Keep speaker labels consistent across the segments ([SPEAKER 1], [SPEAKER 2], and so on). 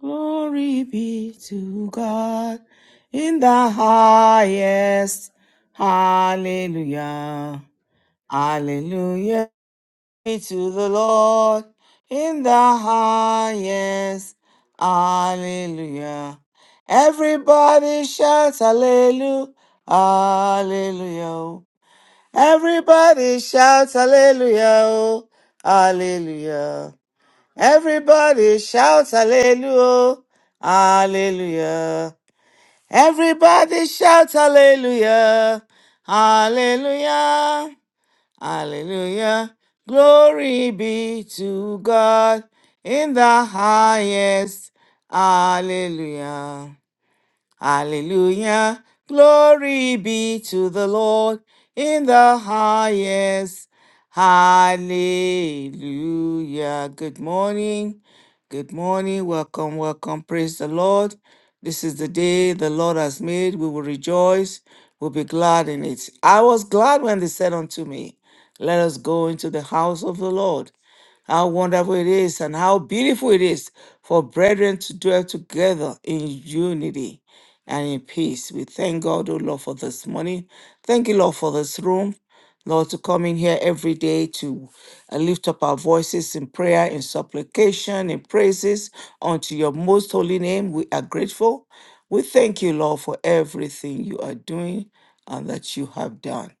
[SPEAKER 1] Glory be to God in the highest. Hallelujah. Hallelujah be to the Lord in the highest. Hallelujah. Everybody shouts hallelujah. Hallelujah. Everybody shouts hallelujah. Hallelujah. Everybody shout hallelujah, hallelujah. Everybody shout hallelujah, hallelujah, hallelujah. Glory be to God in the highest, hallelujah. Hallelujah. Glory be to the Lord in the highest. Hallelujah. Good morning. Good morning. Welcome, welcome. Praise the Lord. This is the day the Lord has made. We will rejoice. We'll be glad in it. I was glad when they said unto me, Let us go into the house of the Lord. How wonderful it is and how beautiful it is for brethren to dwell together in unity and in peace. We thank God, O Lord, for this morning. Thank you, Lord, for this room. Lord, to come in here every day to uh, lift up our voices in prayer, in supplication, in praises unto your most holy name. We are grateful. We thank you, Lord, for everything you are doing and that you have done.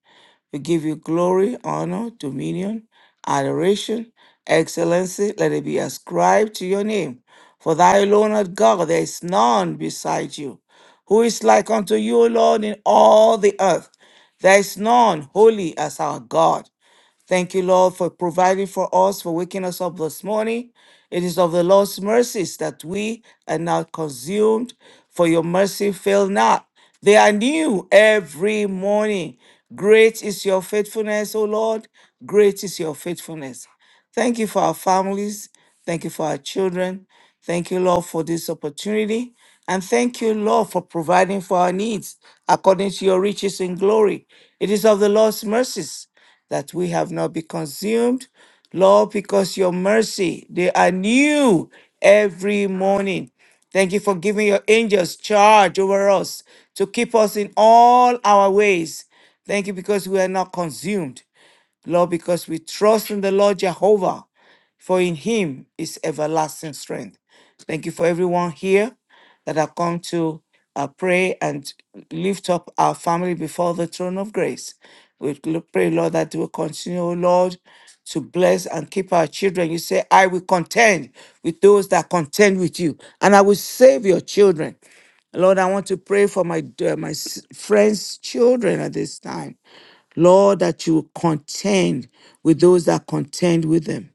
[SPEAKER 1] We give you glory, honor, dominion, adoration, excellency. Let it be ascribed to your name. For thou alone art God, there is none beside you. Who is like unto you, O Lord, in all the earth? There is none holy as our God. Thank you, Lord, for providing for us, for waking us up this morning. It is of the Lord's mercies that we are not consumed, for your mercy fail not. They are new every morning. Great is your faithfulness, O Lord. Great is your faithfulness. Thank you for our families. Thank you for our children. Thank you, Lord, for this opportunity. And thank you, Lord, for providing for our needs according to your riches in glory. It is of the Lord's mercies that we have not been consumed. Lord, because your mercy, they are new every morning. Thank you for giving your angels charge over us to keep us in all our ways. Thank you because we are not consumed. Lord, because we trust in the Lord Jehovah for in him is everlasting strength. Thank you for everyone here that have come to uh, pray and lift up our family before the throne of grace. We l- pray, Lord, that you will continue, O Lord, to bless and keep our children. You say, I will contend with those that contend with you, and I will save your children. Lord, I want to pray for my, uh, my s- friends' children at this time. Lord, that you contend with those that contend with them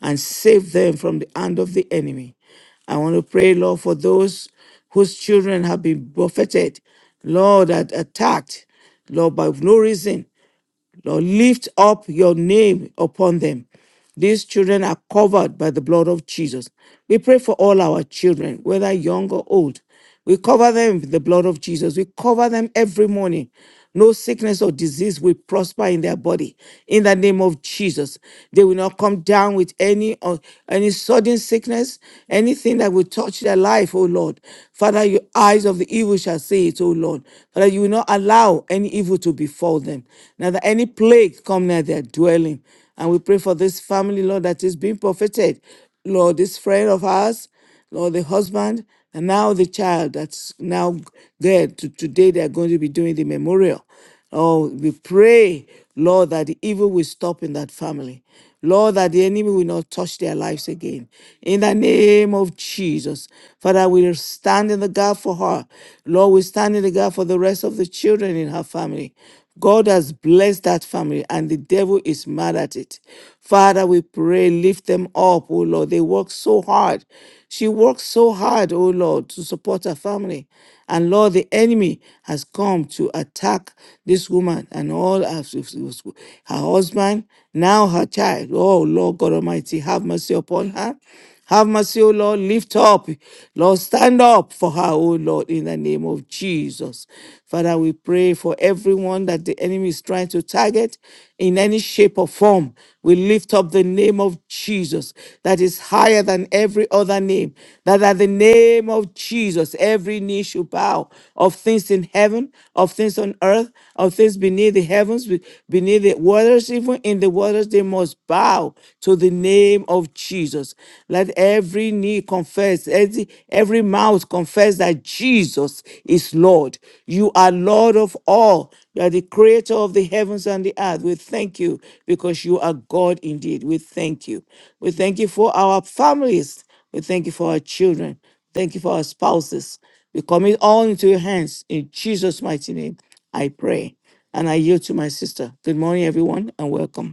[SPEAKER 1] and save them from the hand of the enemy. I want to pray, Lord, for those whose children have been buffeted, Lord, that attacked, Lord, by no reason. Lord, lift up your name upon them. These children are covered by the blood of Jesus. We pray for all our children, whether young or old. We cover them with the blood of Jesus. We cover them every morning. No sickness or disease will prosper in their body. In the name of Jesus, they will not come down with any uh, any sudden sickness, anything that will touch their life. Oh Lord, Father, your eyes of the evil shall see it. Oh Lord, Father, you will not allow allow any evil to befall them, neither any plague come near their dwelling. And we pray for this family, Lord, that is being profited. Lord, this friend of ours, Lord, the husband, and now the child that's now there. To, today they are going to be doing the memorial. Oh, we pray, Lord, that the evil will stop in that family. Lord, that the enemy will not touch their lives again. In the name of Jesus. Father, we stand in the gap for her. Lord, we stand in the gap for the rest of the children in her family. God has blessed that family and the devil is mad at it. Father, we pray, lift them up, oh Lord. They work so hard. She works so hard, oh Lord, to support her family. And Lord, the enemy has come to attack this woman and all her, her husband, now her her child. Oh, Lord God Almighty, have mercy upon her. Have mercy, O Lord. Lift up. Lord, stand up for her, O Lord, in the name of Jesus. Father, we pray for everyone that the enemy is trying to target in any shape or form. We lift up the name of Jesus that is higher than every other name. That at the name of Jesus, every knee should bow of things in heaven, of things on earth, of things beneath the heavens, be- beneath the waters, even in the waters fathers, they must bow to the name of Jesus. Let every knee confess, every, every mouth confess that Jesus is Lord. You are Lord of all. You are the creator of the heavens and the earth. We thank you because you are God indeed. We thank you. We thank you for our families. We thank you for our children. Thank you for our spouses. We commit all into your hands. In Jesus' mighty name, I pray. And I yield to my sister. Good morning, everyone, and welcome.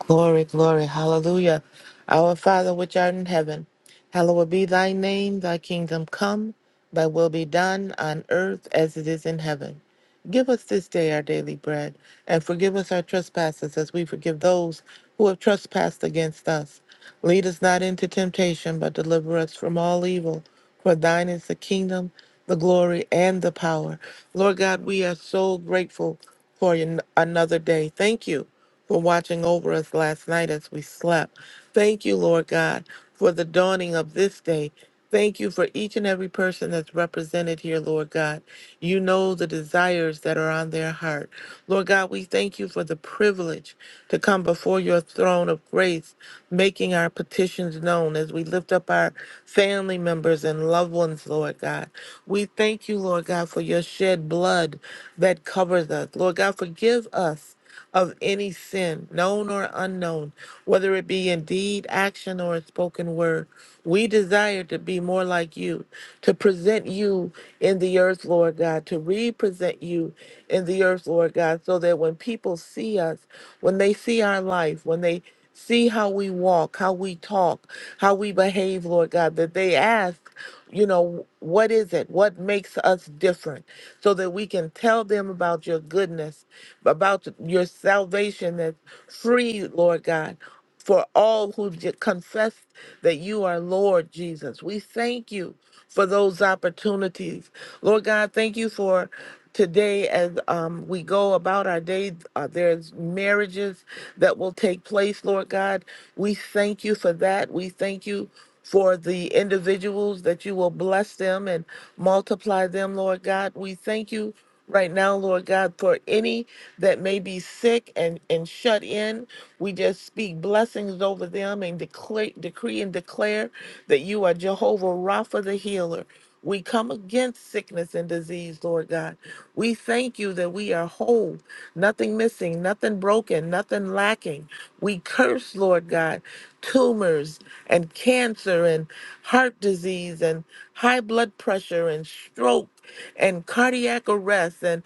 [SPEAKER 2] Glory, glory, hallelujah. Our Father which art in heaven, hallowed be thy name, thy kingdom come, thy will be done on earth as it is in heaven. Give us this day our daily bread, and forgive us our trespasses as we forgive those who have trespassed against us. Lead us not into temptation, but deliver us from all evil. For thine is the kingdom, the glory, and the power. Lord God, we are so grateful for an- another day. Thank you for watching over us last night as we slept. Thank you, Lord God, for the dawning of this day. Thank you for each and every person that's represented here, Lord God. You know the desires that are on their heart. Lord God, we thank you for the privilege to come before your throne of grace, making our petitions known as we lift up our family members and loved ones, Lord God. We thank you, Lord God, for your shed blood that covers us. Lord God, forgive us of any sin, known or unknown, whether it be in deed, action, or a spoken word. We desire to be more like you, to present you in the earth, Lord God, to represent you in the earth, Lord God, so that when people see us, when they see our life, when they see how we walk, how we talk, how we behave, Lord God, that they ask, you know, what is it? What makes us different? So that we can tell them about your goodness about your salvation that's free, Lord God, for all who j- confess that you are Lord Jesus. We thank you for those opportunities. Lord God, thank you for today as um, we go about our day. Uh, there's marriages that will take place, Lord God. We thank you for that. We thank you for the individuals that you will bless them and multiply them, Lord God. We thank you right now, Lord God, for any that may be sick and, and shut in. We just speak blessings over them and declare, decree and declare that you are Jehovah Rapha the healer. We come against sickness and disease, Lord God. We thank you that we are whole, nothing missing, nothing broken, nothing lacking. We curse, Lord God, tumors and cancer and heart disease and high blood pressure and stroke and cardiac arrest and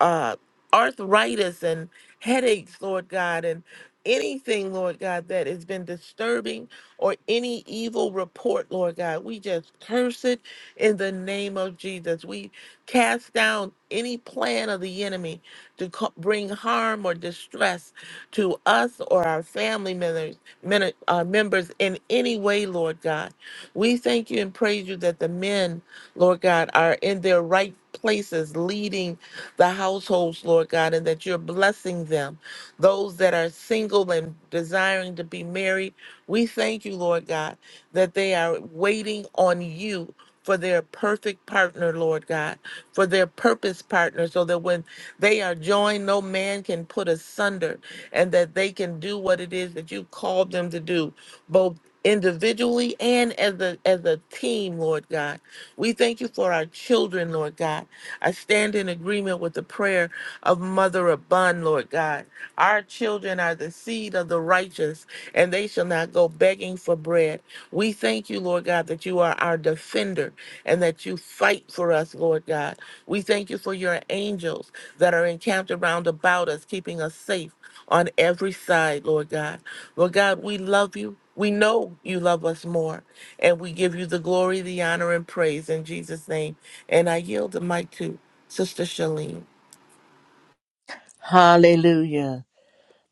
[SPEAKER 2] uh, arthritis and headaches, Lord God, and anything, Lord God, that has been disturbing or any evil report, Lord God. We just curse it in the name of Jesus. We cast down any plan of the enemy to co- bring harm or distress to us or our family members, men- uh, members in any way, Lord God. We thank you and praise you that the men, Lord God, are in their right places leading the households, Lord God, and that you're blessing them. Those that are single and desiring to be married, we thank you, Lord God, that they are waiting on you. For their perfect partner, Lord God, for their purpose partner, so that when they are joined, no man can put asunder, and that they can do what it is that you called them to do, both individually and as a as a team, Lord God. We thank you for our children, Lord God, I stand in agreement with the prayer of Mother Abun, Lord God. Our children are the seed of the righteous, and they shall not go begging for bread. We thank you, Lord God, that you are our defender and that you fight for us, Lord God. We thank you for your angels that are encamped around about us, keeping us safe on every side, Lord God. Lord God, we love you. We know you love us more. And we give you the glory, the honor, and praise in Jesus' name. And I yield the mic to Sister Shalene.
[SPEAKER 3] Hallelujah.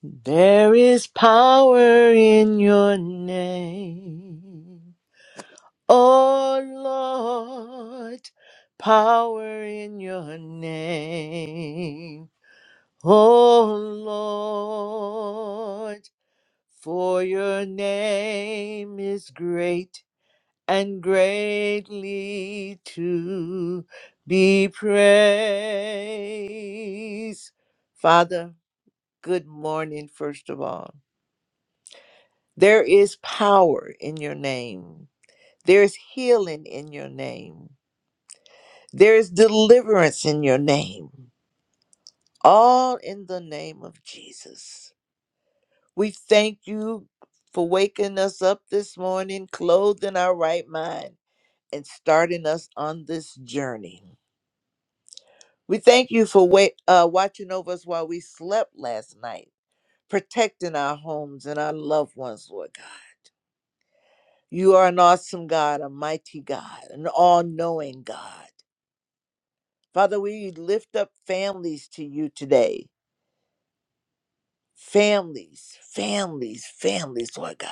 [SPEAKER 3] There is power in your name. Oh Lord, power in your name. Oh Lord, for your name is great and greatly to be praised. Father, Good morning, first of all. There is power in your name, there is healing in your name, there is deliverance in your name, all in the name of Jesus. We thank you for waking us up this morning, clothed in our right mind, and starting us on this journey. We thank you for wait, uh, watching over us while we slept last night, protecting our homes and our loved ones, Lord God. You are an awesome God, a mighty God, an all knowing God. Father, we lift up families to you today. Families, families, families, Lord God.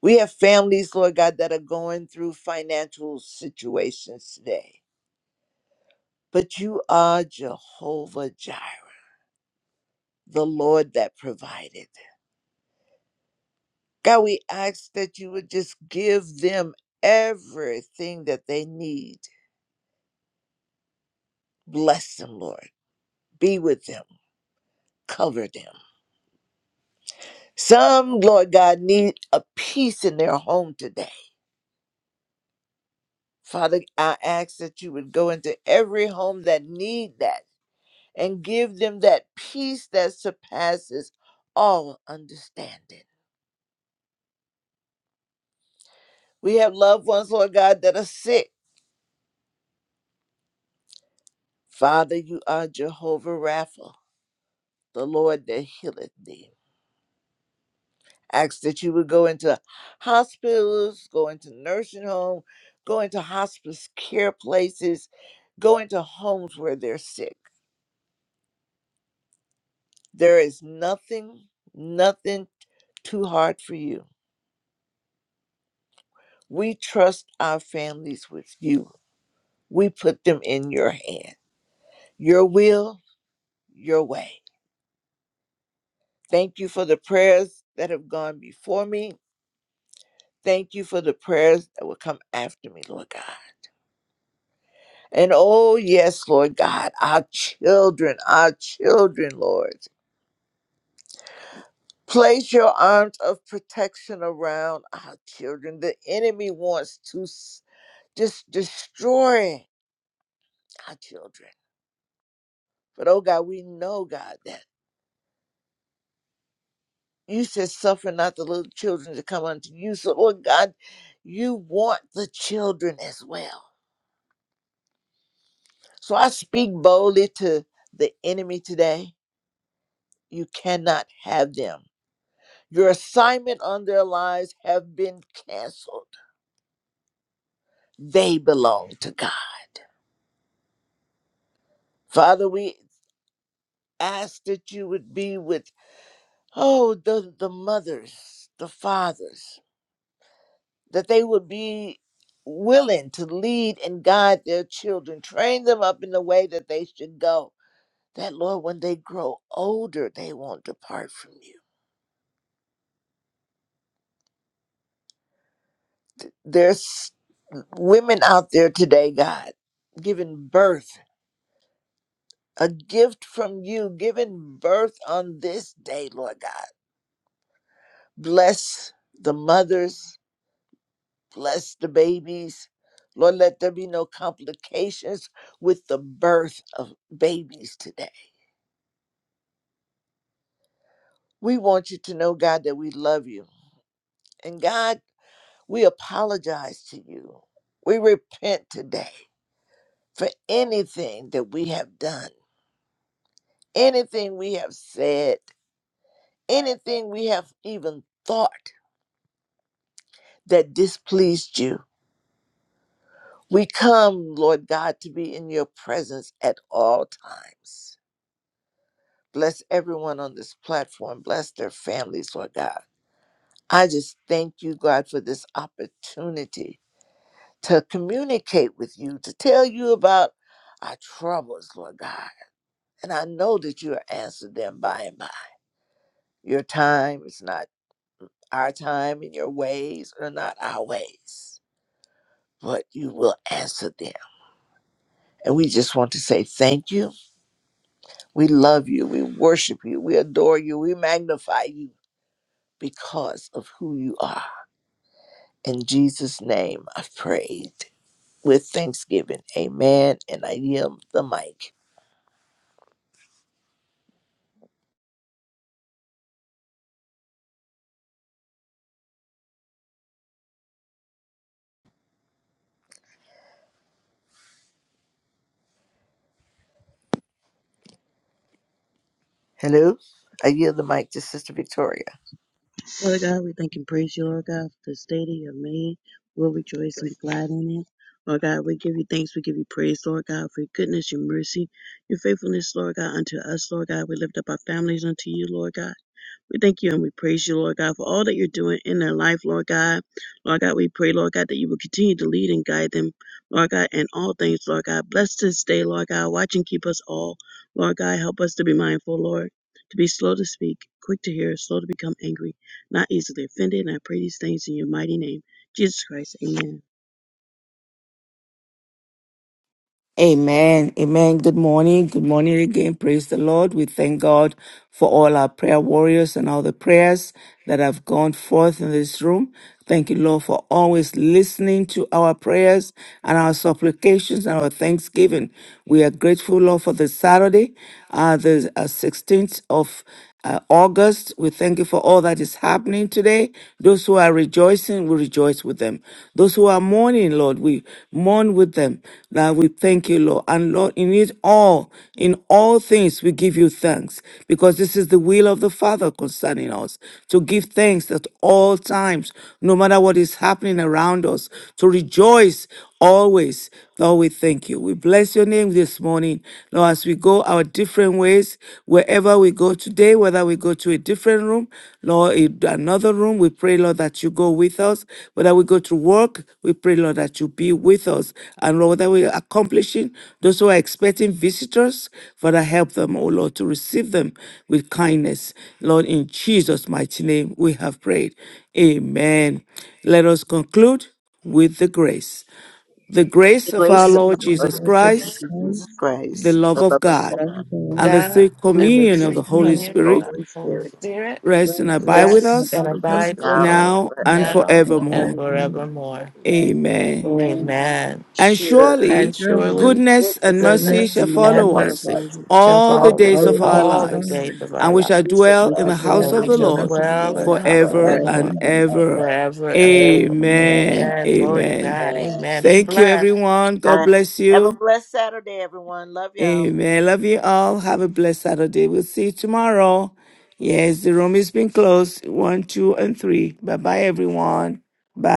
[SPEAKER 3] We have families, Lord God, that are going through financial situations today. But you are Jehovah Jireh, the Lord that provided. God, we ask that you would just give them everything that they need. Bless them, Lord. Be with them. Cover them. Some, Lord God, need a peace in their home today. Father, I ask that you would go into every home that need that and give them that peace that surpasses all understanding. We have loved ones, Lord God, that are sick. Father, you are Jehovah Rapha, the Lord that healeth thee. Ask that you would go into hospitals, go into nursing home, go into hospice care places, go into homes where they're sick There is nothing, nothing too hard for you. We trust our families with you. We put them in your hand. Your will, your way. Thank you for the prayers that have gone before me. Thank you for the prayers that will come after me, Lord God. And oh, yes, Lord God, our children, our children, Lord. Place your arms of protection around our children. The enemy wants to s- just destroy our children. But oh God, we know, God, that you said suffer not the little children to come unto you. So Lord God, you want the children as well. So I speak boldly to the enemy today. You cannot have them. Your assignment on their lives have been canceled. They belong to God. Father, we ask that you would be with, oh, the, the mothers, the fathers, that they would be willing to lead and guide their children, train them up in the way that they should go. That, Lord, when they grow older, they won't depart from you. There's women out there today, God, giving birth, a gift from you, giving birth on this day, Lord God. Bless the mothers, bless the babies. Lord, let there be no complications with the birth of babies today. We want you to know, God, that we love you. And God, we apologize to you. We repent today for anything that we have done, anything we have said, anything we have even thought that displeased you. We come, Lord God, to be in your presence at all times. Bless everyone on this platform. Bless their families, Lord God. I just thank you, God, for this opportunity to communicate with you, to tell you about our troubles, Lord God. And I know that you are answered them by and by. Your time is not our time, and your ways are not our ways, but you will answer them. And we just want to say thank you. We love you. We worship you. We adore you. We magnify you because of who you are. In Jesus' name, I've prayed with thanksgiving. Amen. And I yield the mic. Hello, I yield the mic to Sister Victoria.
[SPEAKER 4] Lord God, we thank and praise you, Lord God, for this day that you have made. We'll rejoice and be glad in it. Lord God, we give you thanks. We give you praise, Lord God, for your goodness, your mercy, your faithfulness, Lord God, unto us, Lord God. We lift up our families unto you, Lord God. We thank you and we praise you, Lord God, for all that you're doing in their life, Lord God. Lord God, we pray, Lord God, that you will continue to lead and guide them, Lord God, in all things, Lord God. Bless this day, Lord God. Watch and keep us all, Lord God. Help us to be mindful, Lord, to be slow to speak, quick to hear, slow to become angry not easily offended. And I pray these things in your mighty name, Jesus Christ. Amen.
[SPEAKER 1] Amen. Amen. Good morning. Good morning again. Praise the Lord. We thank God for all our prayer warriors and all the prayers that have gone forth in this room. Thank you, Lord, for always listening to our prayers and our supplications and our thanksgiving. We are grateful, Lord, for this Saturday, uh, the uh, 16th of uh, August. We thank you for all that is happening today. Those who are rejoicing, we rejoice with them. Those who are mourning, Lord, we mourn with them. Now we thank you, Lord. And Lord, in it all, in all things, we give you thanks because this is the will of the Father concerning us to give thanks at all times, no matter what is happening around us, to rejoice always. Lord, we thank you. We bless your name this morning. Lord, as we go our different ways, wherever we go today, whether we go to a different room, Lord, in another room, we pray, Lord, that you go with us. Whether we go to work, we pray, Lord, that you be with us. And Lord, whether we're accomplishing, those who are expecting visitors, Father, help them, oh Lord, to receive them with kindness. Lord, in Jesus' mighty name, we have prayed. Amen. Let us conclude with the grace. The grace
[SPEAKER 3] The
[SPEAKER 1] of
[SPEAKER 4] The
[SPEAKER 1] our
[SPEAKER 3] grace of
[SPEAKER 4] grace
[SPEAKER 1] Lord
[SPEAKER 3] our
[SPEAKER 4] of our
[SPEAKER 1] Jesus
[SPEAKER 3] Lord and
[SPEAKER 4] Lord Jesus
[SPEAKER 1] Christ
[SPEAKER 3] Savior Jesus
[SPEAKER 4] Christ,
[SPEAKER 1] the
[SPEAKER 3] Christ,
[SPEAKER 1] love
[SPEAKER 3] the
[SPEAKER 1] of
[SPEAKER 3] love of
[SPEAKER 4] the
[SPEAKER 1] God,
[SPEAKER 4] love
[SPEAKER 3] God,
[SPEAKER 4] of God,
[SPEAKER 1] and the
[SPEAKER 2] God
[SPEAKER 1] sweet
[SPEAKER 3] free
[SPEAKER 2] and the
[SPEAKER 4] the
[SPEAKER 1] communion of
[SPEAKER 4] sweet
[SPEAKER 3] communion
[SPEAKER 1] the
[SPEAKER 2] sweet
[SPEAKER 3] of
[SPEAKER 1] Holy
[SPEAKER 4] communion
[SPEAKER 3] the
[SPEAKER 2] communion
[SPEAKER 4] of
[SPEAKER 2] of
[SPEAKER 4] the
[SPEAKER 3] Holy
[SPEAKER 1] Spirit
[SPEAKER 2] the
[SPEAKER 4] Holy
[SPEAKER 2] Holy
[SPEAKER 3] Spirit,
[SPEAKER 4] Spirit,
[SPEAKER 2] Spirit
[SPEAKER 1] rest and
[SPEAKER 4] rest
[SPEAKER 1] abide
[SPEAKER 3] rest
[SPEAKER 1] with
[SPEAKER 3] and
[SPEAKER 4] and
[SPEAKER 2] rest
[SPEAKER 1] us
[SPEAKER 2] and
[SPEAKER 3] abide with us
[SPEAKER 2] abide with
[SPEAKER 3] now
[SPEAKER 2] us
[SPEAKER 1] now
[SPEAKER 4] abide
[SPEAKER 1] and
[SPEAKER 3] and forevermore.
[SPEAKER 2] now
[SPEAKER 4] and
[SPEAKER 2] and
[SPEAKER 1] forevermore.
[SPEAKER 2] forevermore.
[SPEAKER 3] Amen.
[SPEAKER 1] Amen.
[SPEAKER 4] remain.
[SPEAKER 2] Amen.
[SPEAKER 1] And
[SPEAKER 3] Sure,
[SPEAKER 2] And
[SPEAKER 1] surely
[SPEAKER 2] surely
[SPEAKER 1] goodness and
[SPEAKER 3] goodness and
[SPEAKER 1] mercy
[SPEAKER 4] Goodness
[SPEAKER 2] goodness
[SPEAKER 1] shall
[SPEAKER 4] and
[SPEAKER 3] mercy shall
[SPEAKER 2] and
[SPEAKER 1] follow us
[SPEAKER 2] mercy
[SPEAKER 3] follow us
[SPEAKER 4] mercy,
[SPEAKER 2] shall
[SPEAKER 1] all
[SPEAKER 3] all
[SPEAKER 1] the
[SPEAKER 2] follow
[SPEAKER 3] the
[SPEAKER 4] all
[SPEAKER 2] us
[SPEAKER 1] days
[SPEAKER 4] the
[SPEAKER 1] of
[SPEAKER 3] days
[SPEAKER 1] our
[SPEAKER 3] of our
[SPEAKER 2] all the
[SPEAKER 1] lives,
[SPEAKER 2] days of
[SPEAKER 1] and
[SPEAKER 2] our
[SPEAKER 1] we
[SPEAKER 3] life.
[SPEAKER 2] lives,
[SPEAKER 1] shall
[SPEAKER 3] We shall
[SPEAKER 1] dwell
[SPEAKER 3] dwell
[SPEAKER 1] in the
[SPEAKER 3] in
[SPEAKER 1] house
[SPEAKER 3] the
[SPEAKER 2] and
[SPEAKER 4] Lord,
[SPEAKER 1] of
[SPEAKER 2] we
[SPEAKER 1] the
[SPEAKER 3] house of
[SPEAKER 2] shall
[SPEAKER 1] Lord
[SPEAKER 2] dwell in the
[SPEAKER 3] the
[SPEAKER 2] house
[SPEAKER 3] Lord
[SPEAKER 2] of
[SPEAKER 4] for
[SPEAKER 2] the
[SPEAKER 4] our
[SPEAKER 1] forever
[SPEAKER 3] forever
[SPEAKER 2] Lord
[SPEAKER 1] and
[SPEAKER 3] and
[SPEAKER 1] ever.
[SPEAKER 3] ever.
[SPEAKER 2] forever and
[SPEAKER 3] Amen.
[SPEAKER 2] ever.
[SPEAKER 4] name.
[SPEAKER 1] Amen.
[SPEAKER 2] Amen. Glory to
[SPEAKER 1] Amen.
[SPEAKER 2] God.
[SPEAKER 3] Amen. All
[SPEAKER 2] Amen. Be
[SPEAKER 1] Thank you,
[SPEAKER 2] blessed.
[SPEAKER 1] everyone. God
[SPEAKER 3] right.
[SPEAKER 1] bless
[SPEAKER 3] Have a
[SPEAKER 1] you.
[SPEAKER 3] blessed Saturday, everyone. Love y'all.
[SPEAKER 1] Amen. Love you all. Have a blessed Saturday. We'll see you tomorrow. Yes, the room is being closed. One, two, and three. Bye bye, everyone. Bye.